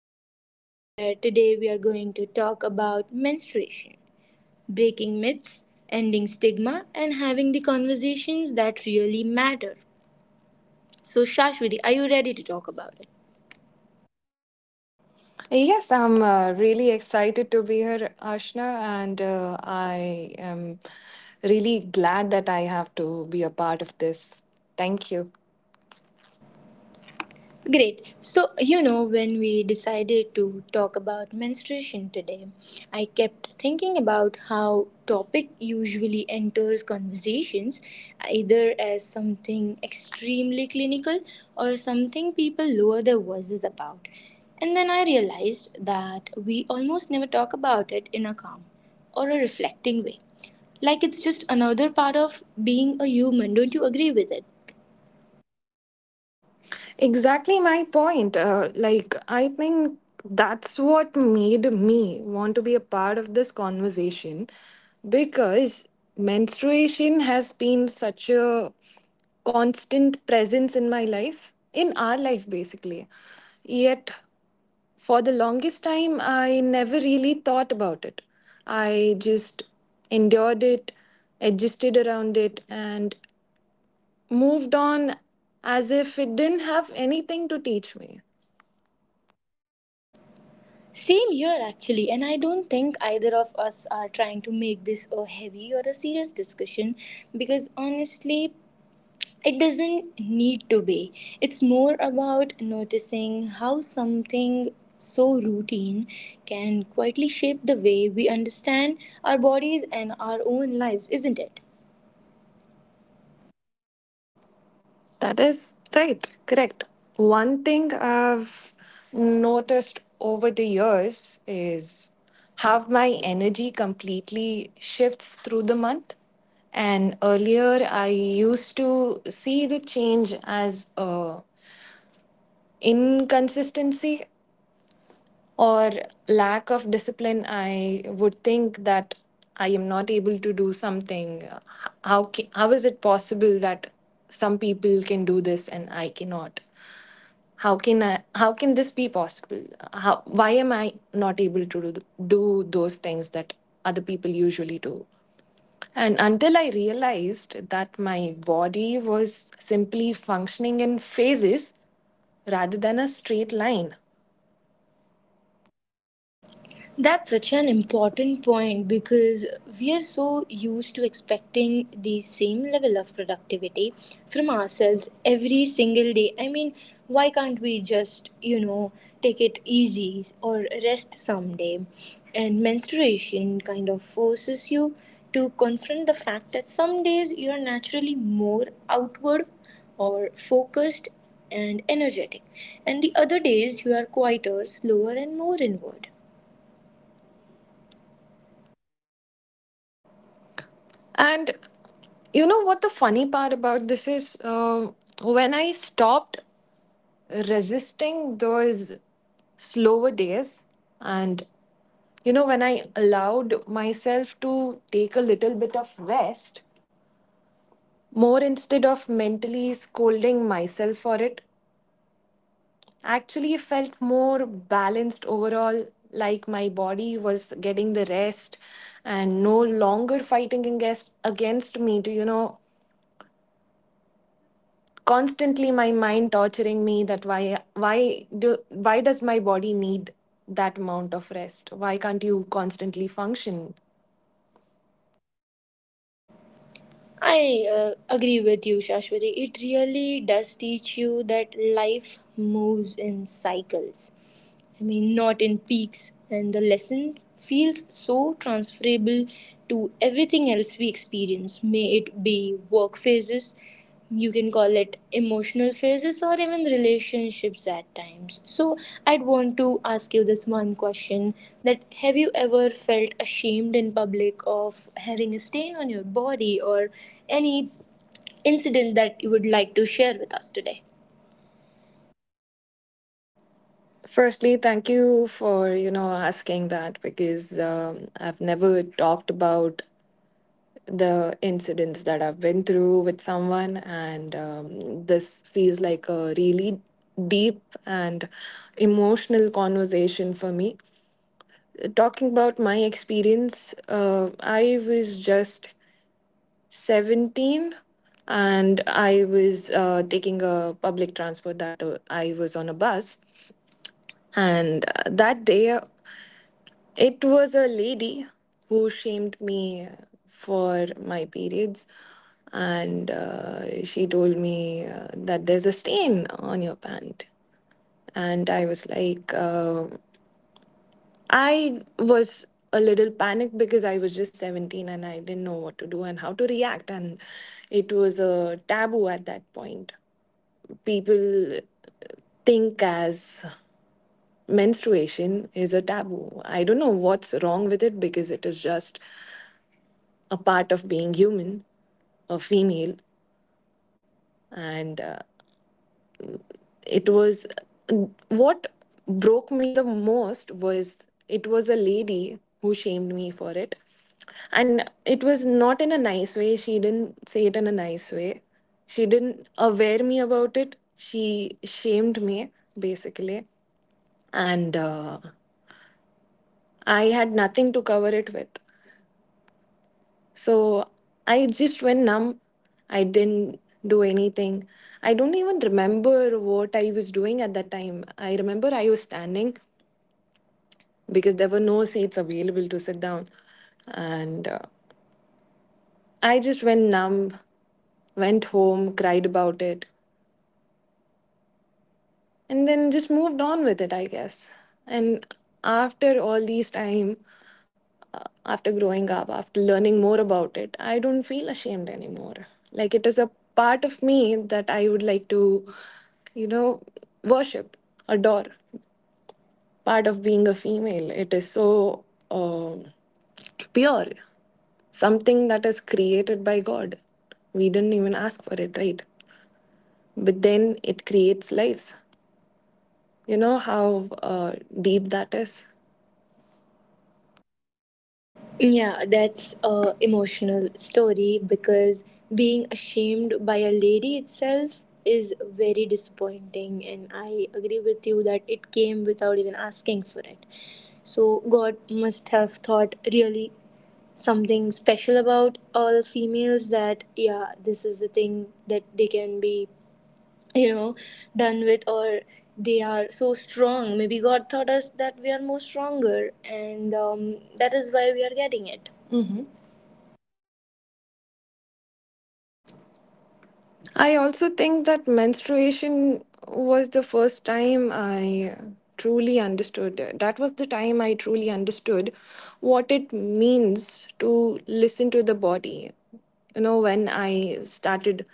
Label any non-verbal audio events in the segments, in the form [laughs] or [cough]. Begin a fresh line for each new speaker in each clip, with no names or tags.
podcast where today we are going to talk about menstruation, breaking myths, ending stigma, and having the conversations that really matter. So, Shashwati, are you ready to talk about it?
Yes, I'm really excited to be here, Ashna, and I am really glad that I have to be a part of this. Thank you.
Great. So, you know, when we decided to talk about menstruation today, I kept thinking about how topic usually enters conversations either as something extremely clinical or something people lower their voices about. And then I realized that we almost never talk about it in a calm or a reflecting way. Like it's just another part of being a human. Don't you agree with it?
Exactly my point. Like, I think that's what made me want to be a part of this conversation because menstruation has been such a constant presence in my life, in our life, basically. Yet for the longest time, I never really thought about it. I just endured it, adjusted around it, and moved on as if it didn't have anything to teach me.
Same here, actually, and I don't think either of us are trying to make this a heavy or a serious discussion because honestly, it doesn't need to be. It's more about noticing how something so routine can quietly shape the way we understand our bodies and our own lives, isn't it?
That is right, correct. One thing I've noticed over the years is how my energy completely shifts through the month. And earlier, I used to see the change as a inconsistency or lack of discipline. I would think that I am not able to do something. How is it possible that some people can do this and I cannot? How can I, how can this be possible? How, why am I not able to do those things that other people usually do? And until I realized that my body was simply functioning in phases rather than a straight line.
That's such an important point because we are so used to expecting the same level of productivity from ourselves every single day. I mean, why can't we just, you know, take it easy or rest someday? And menstruation kind of forces you to confront the fact that some days you are naturally more outward or focused and energetic, and the other days you are quieter, slower, and more inward.
And you know what the funny part about this is? When I stopped resisting those slower days, and you know, when I allowed myself to take a little bit of rest, more instead of mentally scolding myself for it, actually felt more balanced overall, like my body was getting the rest and no longer fighting against me to, you know, constantly my mind torturing me that why do why does my body need that amount of rest? Why can't you constantly function?
I agree with you, Shashwati. It really does teach you that life moves in cycles. I mean, not in peaks, and the lesson feels so transferable to everything else we experience, may it be work phases, you can call it emotional phases, or even relationships at times. So, I'd want to ask you this one question that have you ever felt ashamed in public of having a stain on your body or any incident that you would like to share with us today?
Firstly, thank you for, you know, asking that because I've never talked about the incidents that I've been through with someone, and this feels like a really deep and emotional conversation for me. Talking about my experience, I was just 17, and I was taking a public transport, that I was on a bus. And that day, it was a lady who shamed me for my periods, and she told me that there's a stain on your pant. And I was like, I was a little panicked because I was just 17 and I didn't know what to do and how to react. And it was a taboo at that point. People think as menstruation is a taboo. I don't know what's wrong with it because it is just a part of being human, a female. And it was, what broke me the most was it was a lady who shamed me for it. And it was not in a nice way. She didn't say it in a nice way. She didn't aware me about it. She shamed me, basically. And I had nothing to cover it with. So I just went numb. I didn't do anything. I don't even remember what I was doing at that time. I remember I was standing because there were no seats available to sit down. And I just went numb, went home, cried about it, and then just moved on with it, I guess. And after all these time, after growing up, after learning more about it, I don't feel ashamed anymore. Like, it is a part of me that I would like to, you know, worship, adore. Part of being a female, it is so um pure, something that is created by god. We didn't even ask for it, right? But then it creates lives. You know how deep that is?
Yeah, that's a emotional story because being ashamed by a lady itself is very disappointing and I agree with you that it came without even asking for it. So God must have thought really something special about all females that yeah, this is the thing that they can be, you know, done with or they are so strong. Maybe God taught us that we are more stronger and that is why we are getting it.
I also think that menstruation was the first time I truly understood. That was the time I truly understood what it means to listen to the body. You know, when I started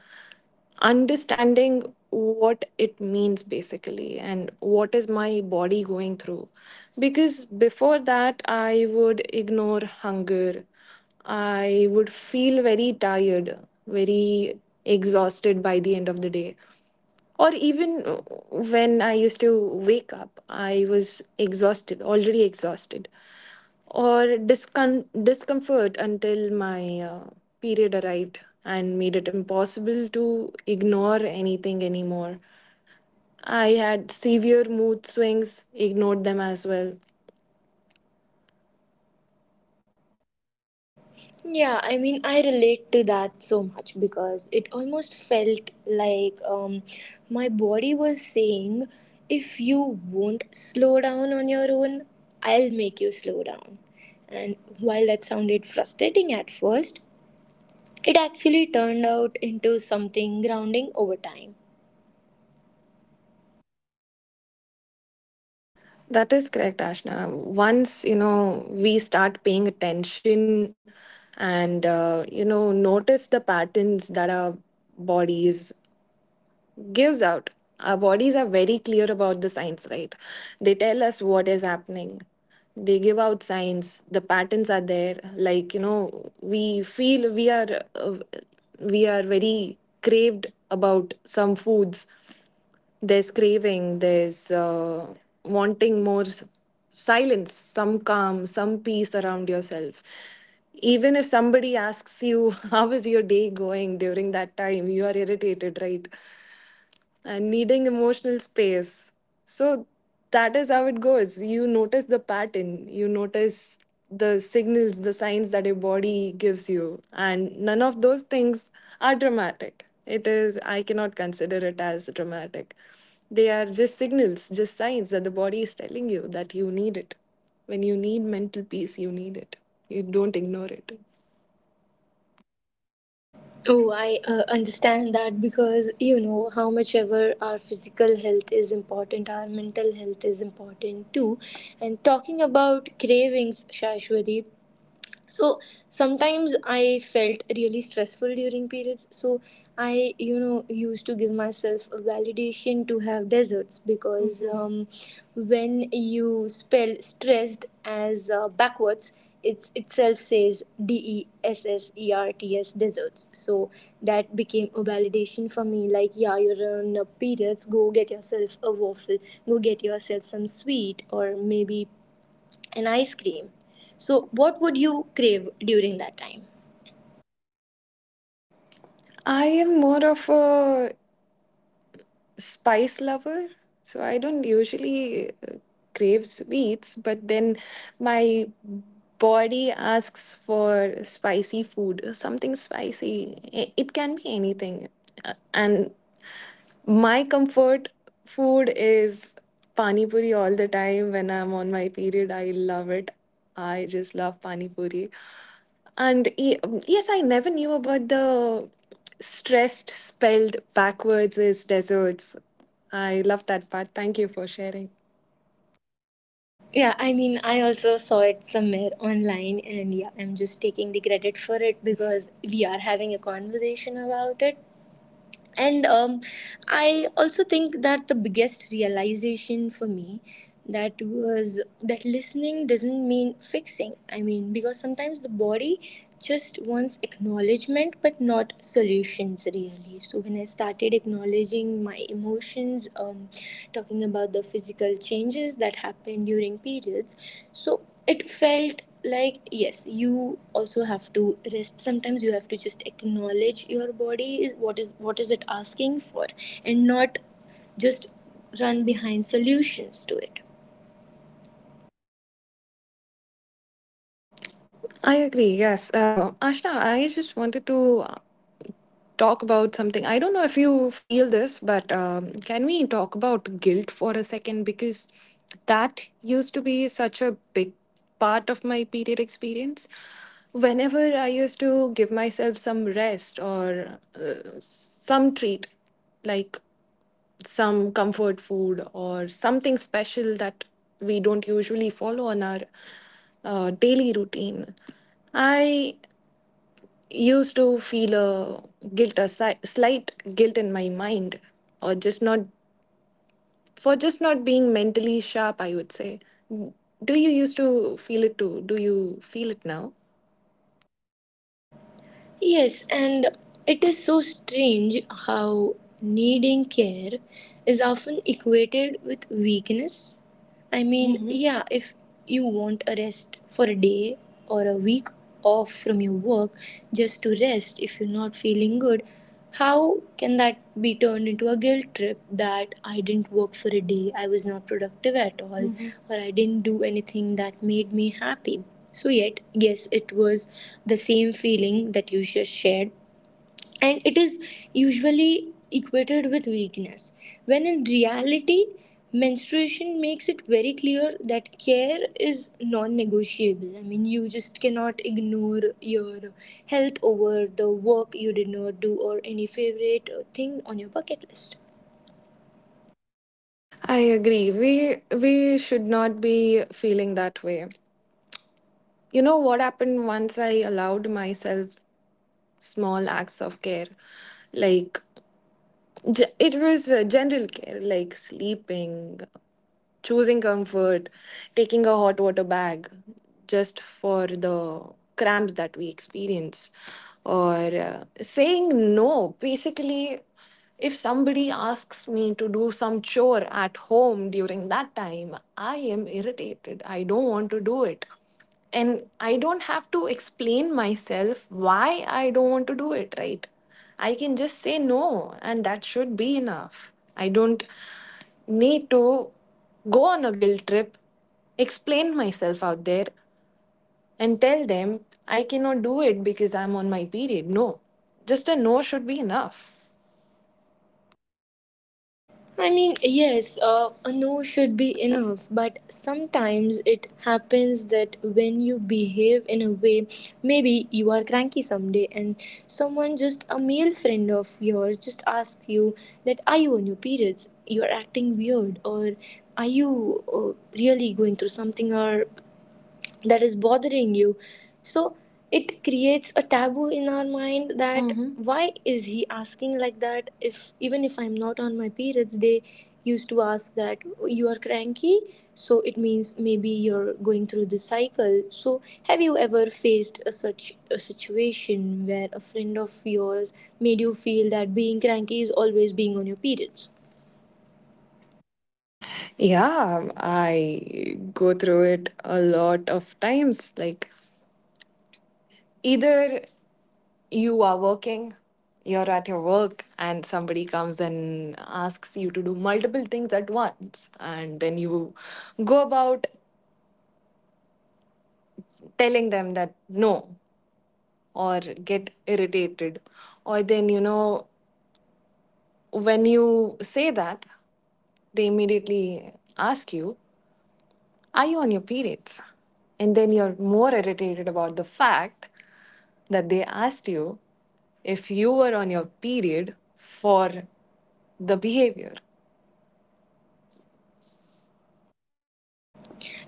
understanding what it means basically and what is my body going through, because before that I would ignore hunger. I would feel very tired, very exhausted by the end of the day. Or even when I used to wake up, I was exhausted, already exhausted. Or discomfort until my period arrived and made it impossible to ignore anything anymore. I had severe mood swings, ignored them as well.
Yeah, I mean, I relate to that so much because it almost felt like my body was saying, if you won't slow down on your own, I'll make you slow down. And while that sounded frustrating at first, it actually turned out into something grounding over time.
That is correct, Ashna. Once, you know, we start paying attention and, you know, notice the patterns that our bodies gives out. Our bodies are very clear about the signs, right? They tell us what is happening. They give out signs. The patterns are there. Like, you know, we feel we are very craved about some foods. There's craving, there's wanting more silence, some calm, some peace around yourself. Even if somebody asks you, [laughs] how is your day going during that time? You are irritated, right? And needing emotional space. So that is how it goes. You notice the pattern, you notice the signals, the signs that your body gives you, and none of those things are dramatic. It is, I cannot consider it as dramatic. They are just signals, just signs that the body is telling you that you need it. When you need mental peace, you need it. You don't ignore it.
Oh, I understand that because you know how much ever our physical health is important, our mental health is important too. And talking about cravings, Shashwati, so sometimes I felt really stressful during periods, so I, you know, used to give myself a validation to have desserts because Mhm. When you spell stressed as backwards it itself says d e s s e r t s desserts, so that became a validation for me like yeah, you're on periods, go get yourself a waffle, go get yourself some sweet or maybe an ice cream. So, what would you crave during that time?
I am more of a spice lover. So I don't usually crave sweets, but then my body asks for spicy food, something spicy. It can be anything. And my comfort food is pani puri all the time when I'm on my period. I love it. I just love pani puri. And yes, I never knew about the stressed spelled backwards is deserts. I love that part. Thank you for sharing.
Yeah, I mean, I also saw it somewhere online, and yeah, I'm just taking the credit for it because we are having a conversation about it. And I also think that the biggest realization for me that was that listening doesn't mean fixing. I mean, because sometimes the body just wants acknowledgement but not solutions really. So when I started acknowledging my emotions, talking about the physical changes that happened during periods, so it felt like yes, you also have to rest sometimes, you have to just acknowledge your body, is what is what is it asking for, and not just run behind solutions to it.
I agree. Yes, Ashna, I just wanted to talk about something. I don't know if you feel this, but can we talk about guilt for a second? Because that used to be such a big part of my period experience. Whenever I used to give myself some rest or some treat, like some comfort food or something special that we don't usually follow on our daily routine, I used to feel a guilt, a slight guilt in my mind, or just not, for just not being mentally sharp, I would say. Do you used to feel it too? Do you feel it now?
Yes, and it is so strange how needing care is often equated with weakness. I mean, Mhm. yeah, if you want a rest for a day or a week off from your work, just to rest if you're not feeling good. How can that be turned into a guilt trip that I didn't work for a day, I was not productive at all, mm-hmm. or I didn't do anything that made me happy? So, yet, yes, it was the same feeling that you just shared, and it is usually equated with weakness when in reality menstruation makes it very clear that care is non-negotiable. I mean, you just cannot ignore your health over the work you did not do or any favorite thing on your bucket list.
I agree. We should not be feeling that way. You know what happened once I allowed myself small acts of care, like it was general care, like sleeping, choosing comfort, taking a hot water bag just for the cramps that we experience, or saying no. Basically, if somebody asks me to do some chore at home during that time, I am irritated. I don't want to do it. And I don't have to explain myself why I don't want to do it, right? I can just say no, and that should be enough. I don't need to go on a guilt trip, explain myself out there, and tell them I cannot do it because I'm on my period. No, just a no should be enough.
I mean, yes, a no should be enough, but sometimes it happens that when you behave in a way, maybe you are cranky someday, and someone, just a male friend of yours, just asks you that are you on your periods? You are acting weird, or are you really going through something, or that is bothering you. So it creates a taboo in our mind that hmm, why is he asking like that? If even if I'm not on my periods, they used to ask that you are cranky. So it means maybe you're going through the cycle. So have you ever faced a such a situation where a friend of yours made you feel that being cranky is always being on your periods?
Yeah, I go through it a lot of times. Like, either you are working, you're at your work and somebody comes and asks you to do multiple things at once, and then you go about telling them that no, or get irritated, or then, you know, when you say that, they immediately ask you, are you on your periods? And then you're more irritated about the fact that they asked you if you were on your period for the behavior.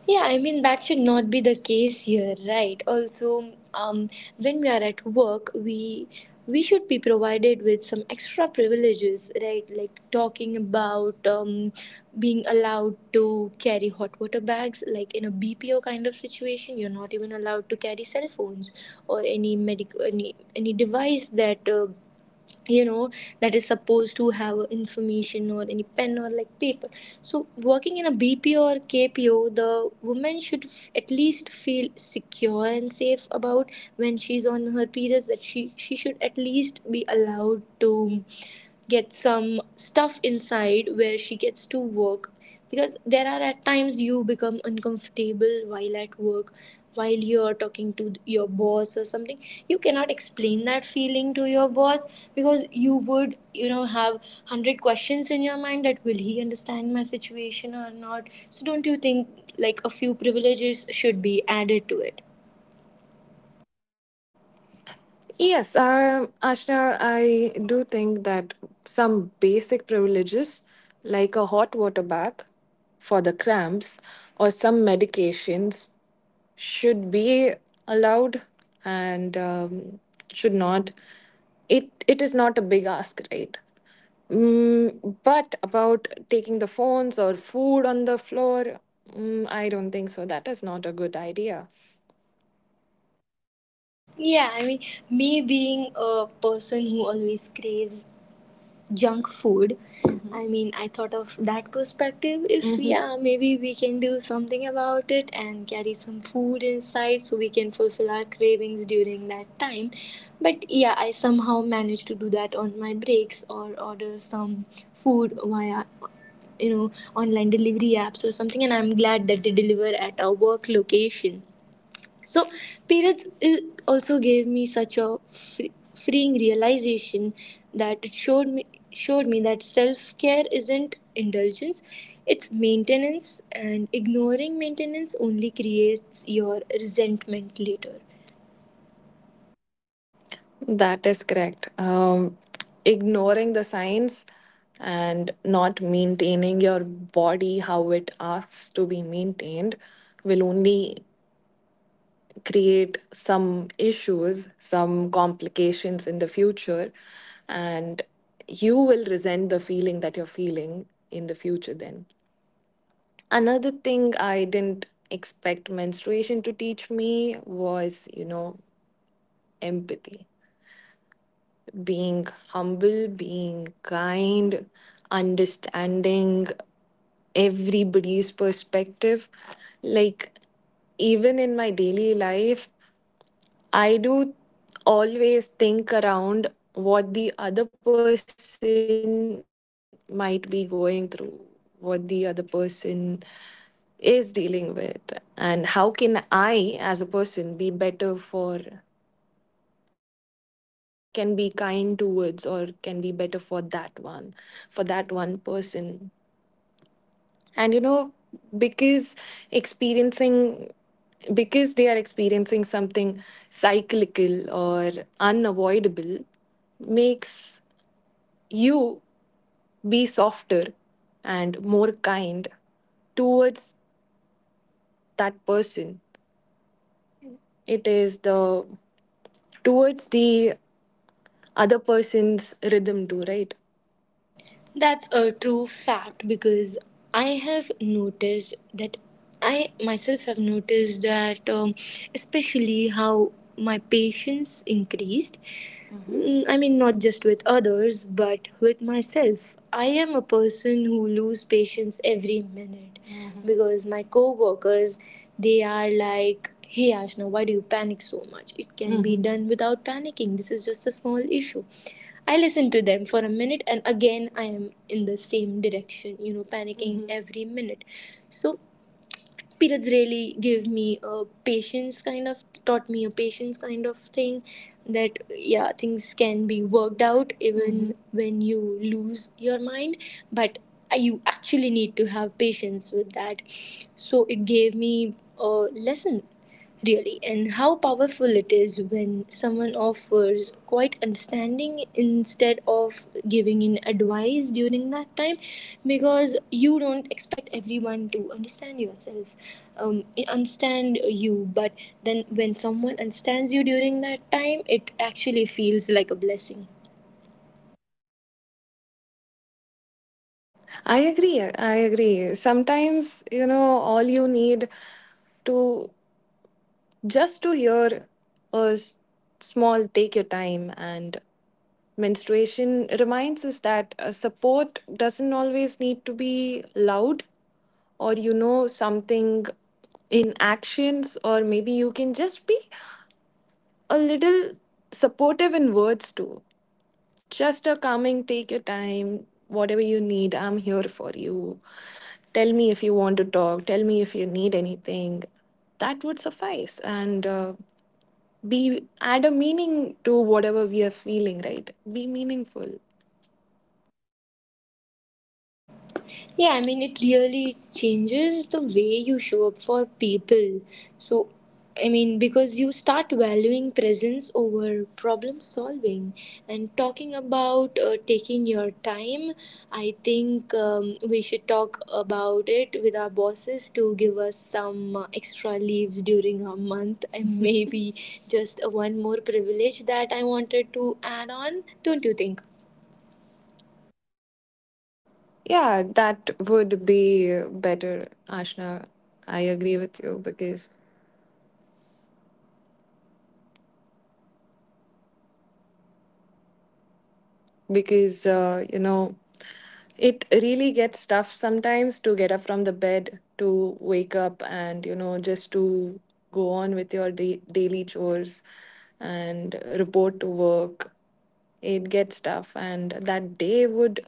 Yeah, I mean, that should not be the case here, right? Also, when we are at work, we should be provided with some extra privileges, right? Like talking about being allowed to carry hot water bags, like in a BPO kind of situation, you're not even allowed to carry cell phones or any medic, any device that you know that is supposed to have information, or any pen or like paper. So working in a BPO or KPO, the woman should f- at least feel secure and safe about when she's on her periods, that she should at least be allowed to get some stuff inside where she gets to work, because there are at times you become uncomfortable while at work, while you're talking to your boss or something. You cannot explain that feeling to your boss because you would, you know, have 100 questions in your mind that will he understand my situation or not. So don't you think like a few privileges should be added to it?
Yes, Ashna, I do think that some basic privileges, like a hot water bag for the cramps or some medications, should be allowed, and should not. It is not a big ask, right? Mm, but about taking the phones or food on the floor, mm, I don't think so. That is not a good idea.
Yeah, I mean, me being a person who always craves junk food. Mm-hmm. I Mhm. mean, I thought of that perspective. If Mhm. yeah, maybe we can do something about it and carry some food inside so we can fulfill our cravings during that time. But yeah, I somehow managed to do that on my breaks or order some food via, you know, online delivery apps or something, and I'm glad that they deliver at our work location. So, periods also gave me such a free, freeing realization that it showed me that self care isn't indulgence; it's maintenance, and ignoring maintenance only creates your resentment later.
That is correct. Ignoring the signs and not maintaining your body how it asks to be maintained will only create some issues, some complications in the future, and you will resent the feeling that you're feeling in the future then. Another thing I didn't expect menstruation to teach me was, you know, empathy, being humble, being kind, understanding everybody's perspective. Like, even in my daily life, I do always think around what the other person might be going through, what the other person is dealing with, and how can I, as a person, be better for, can be kind towards, or can be better for that one person. And you know, because experiencing, because they are experiencing something cyclical or unavoidable, makes you be softer and more kind towards that person. It is the, towards the other person's rhythm too, right?
That's a true fact because I have noticed that I myself have noticed that, especially how my patience increased. Mm, I mean, not just with others, but with myself. I am a person who lose patience every minute because my co-workers they are like, "Hey, Ashna, why do you panic so much? It can be done without panicking. This is just a small issue." I listen to them for a minute and again I am in the same direction, you know, panicking Mhm. every minute. So periods really gave me a patience, kind of taught me a patience kind of thing, that yeah, things can be worked out even Mhm. when you lose your mind, but you actually need to have patience with that. So it gave me a lesson really, and how powerful it is when someone offers quite understanding instead of giving in advice during that time, because you don't expect everyone to understand yourself, understand you. But then when someone understands you during that time, it actually feels like a blessing.
I agree. I agree. Sometimes, you know, all you need to, just to hear a small take your time. And menstruation reminds us that support doesn't always need to be loud or, you know, something in actions, or maybe you can just be a little supportive in words too, just a calming, take your time, whatever you need, I'm here for you. Tell me if you want to talk, tell me if you need anything. That would suffice, and be add a meaning to whatever we are feeling, right? Be meaningful.
Yeah, I mean, it really changes the way you show up for people. So, I mean, because you start valuing presence over problem solving, and talking about taking your time. I think we should talk about it with our bosses to give us some extra leaves during our month and [laughs] maybe just one more privilege that I wanted to add on. Don't you think?
Yeah, that would be better, Ashna. I agree with you because, because you know, it really gets tough sometimes to get up from the bed, to wake up and, you know, just to go on with your daily chores and report to work. It gets tough, and that day would,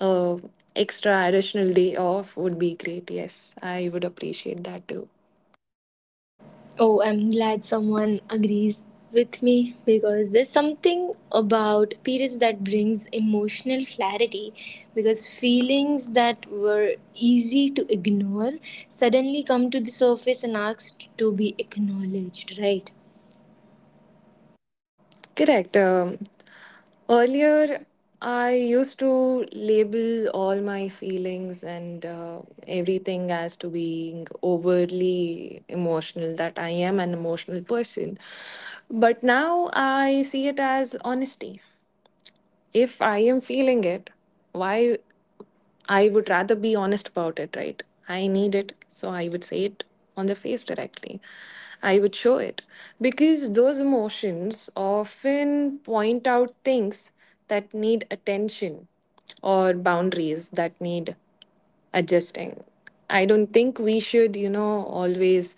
uh, extra additional day off would be great. Yes, I would appreciate that too.
Oh, I'm glad someone agrees with me because there's something about periods that brings emotional clarity, because feelings that were easy to ignore suddenly come to the surface and asked to be acknowledged, right?
Correct. Earlier, I used to label all my feelings and, everything as to being overly emotional, that I am an emotional person. But now I see it as honesty. If I am feeling it, why? I would rather be honest about it, right? I need it, so I would say it on the face directly. I would show it because those emotions often point out things that need attention or boundaries that need adjusting. I don't think we should, you know, always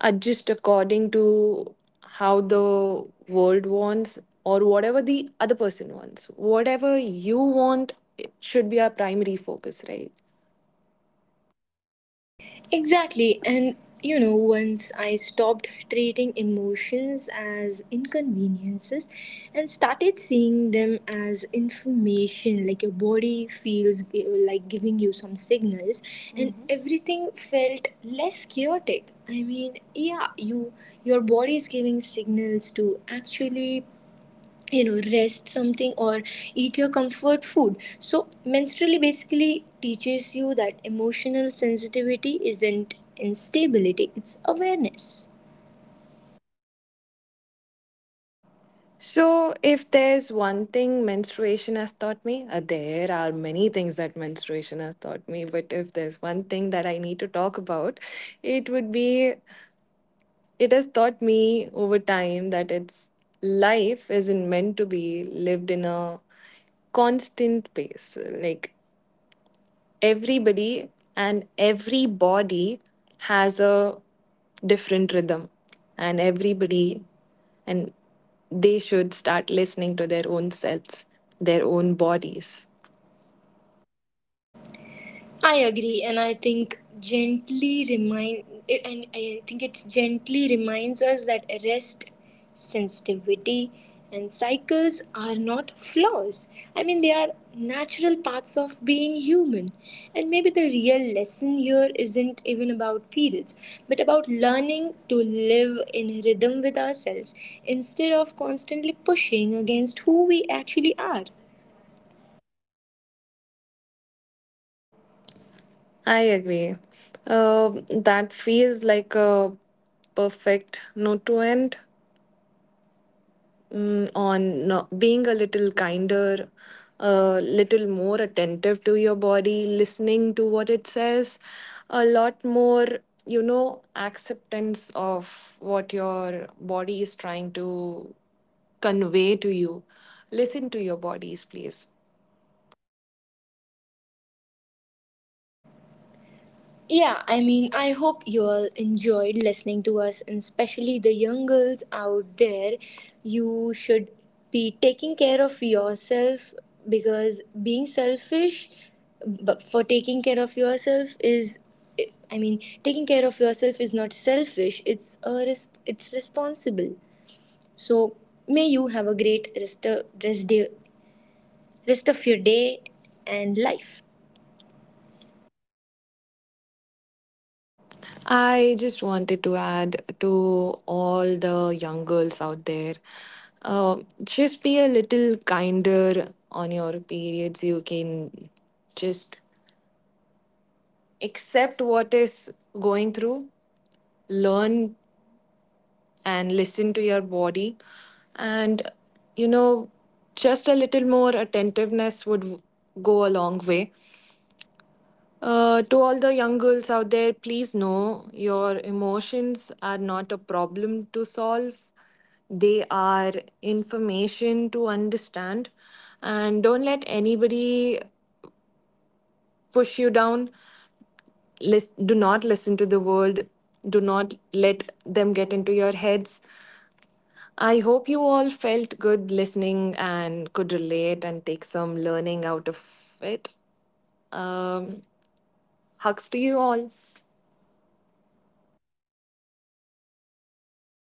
adjust according to how the world wants or whatever the other person wants. Whatever you want, it should be our primary focus, right?
Exactly, and you know, once I stopped treating emotions as inconveniences and started seeing them as information, like your body feels gi- like giving you some signals, and everything felt less chaotic. I mean, yeah, you your body is giving signals to actually, you know, rest something or eat your comfort food. So menstrually basically teaches you that emotional sensitivity isn't instability, it's awareness.
So, if there's one thing menstruation has taught me, there are many things that menstruation has taught me, but if there's one thing that I need to talk about, it would be, it has taught me over time that it's, life isn't meant to be lived in a constant pace. Like, everybody and every body has a different rhythm, and everybody and they should start listening to their own selves, their own bodies.
I agree, and I think gently remind it, and I think it gently reminds us that rest, sensitivity, and cycles are not flaws. I mean, they are natural parts of being human. And maybe the real lesson here isn't even about periods, but about learning to live in rhythm with ourselves instead of constantly pushing against who we actually are.
I agree. Um that feels like a perfect note to end. Mm, on being a little kinder, a little more attentive to your body, listening to what it says, a lot more, you know, acceptance of what your body is trying to convey to you. Listen to your bodies, please.
Yeah, I mean, I hope you all enjoyed listening to us, and especially the young girls out there. You should be taking care of yourself because being selfish but for taking care of yourself is, I mean, taking care of yourself is not selfish, it's a res- it's responsible. So, may you have a great rest of, rest, day, rest of your day and life.
I just wanted to add to all the young girls out there, uh, just be a little kinder on your periods. You can just accept what is going through, learn and listen to your body. And, you know, just a little more attentiveness would go a long way. To all the young girls out there, please know your emotions are not a problem to solve. They are information to understand. And don't let anybody push you down. Do not listen to the world. Do not let them get into your heads. I hope you all felt good listening and could relate and take some learning out of it. um, Hugs to you all.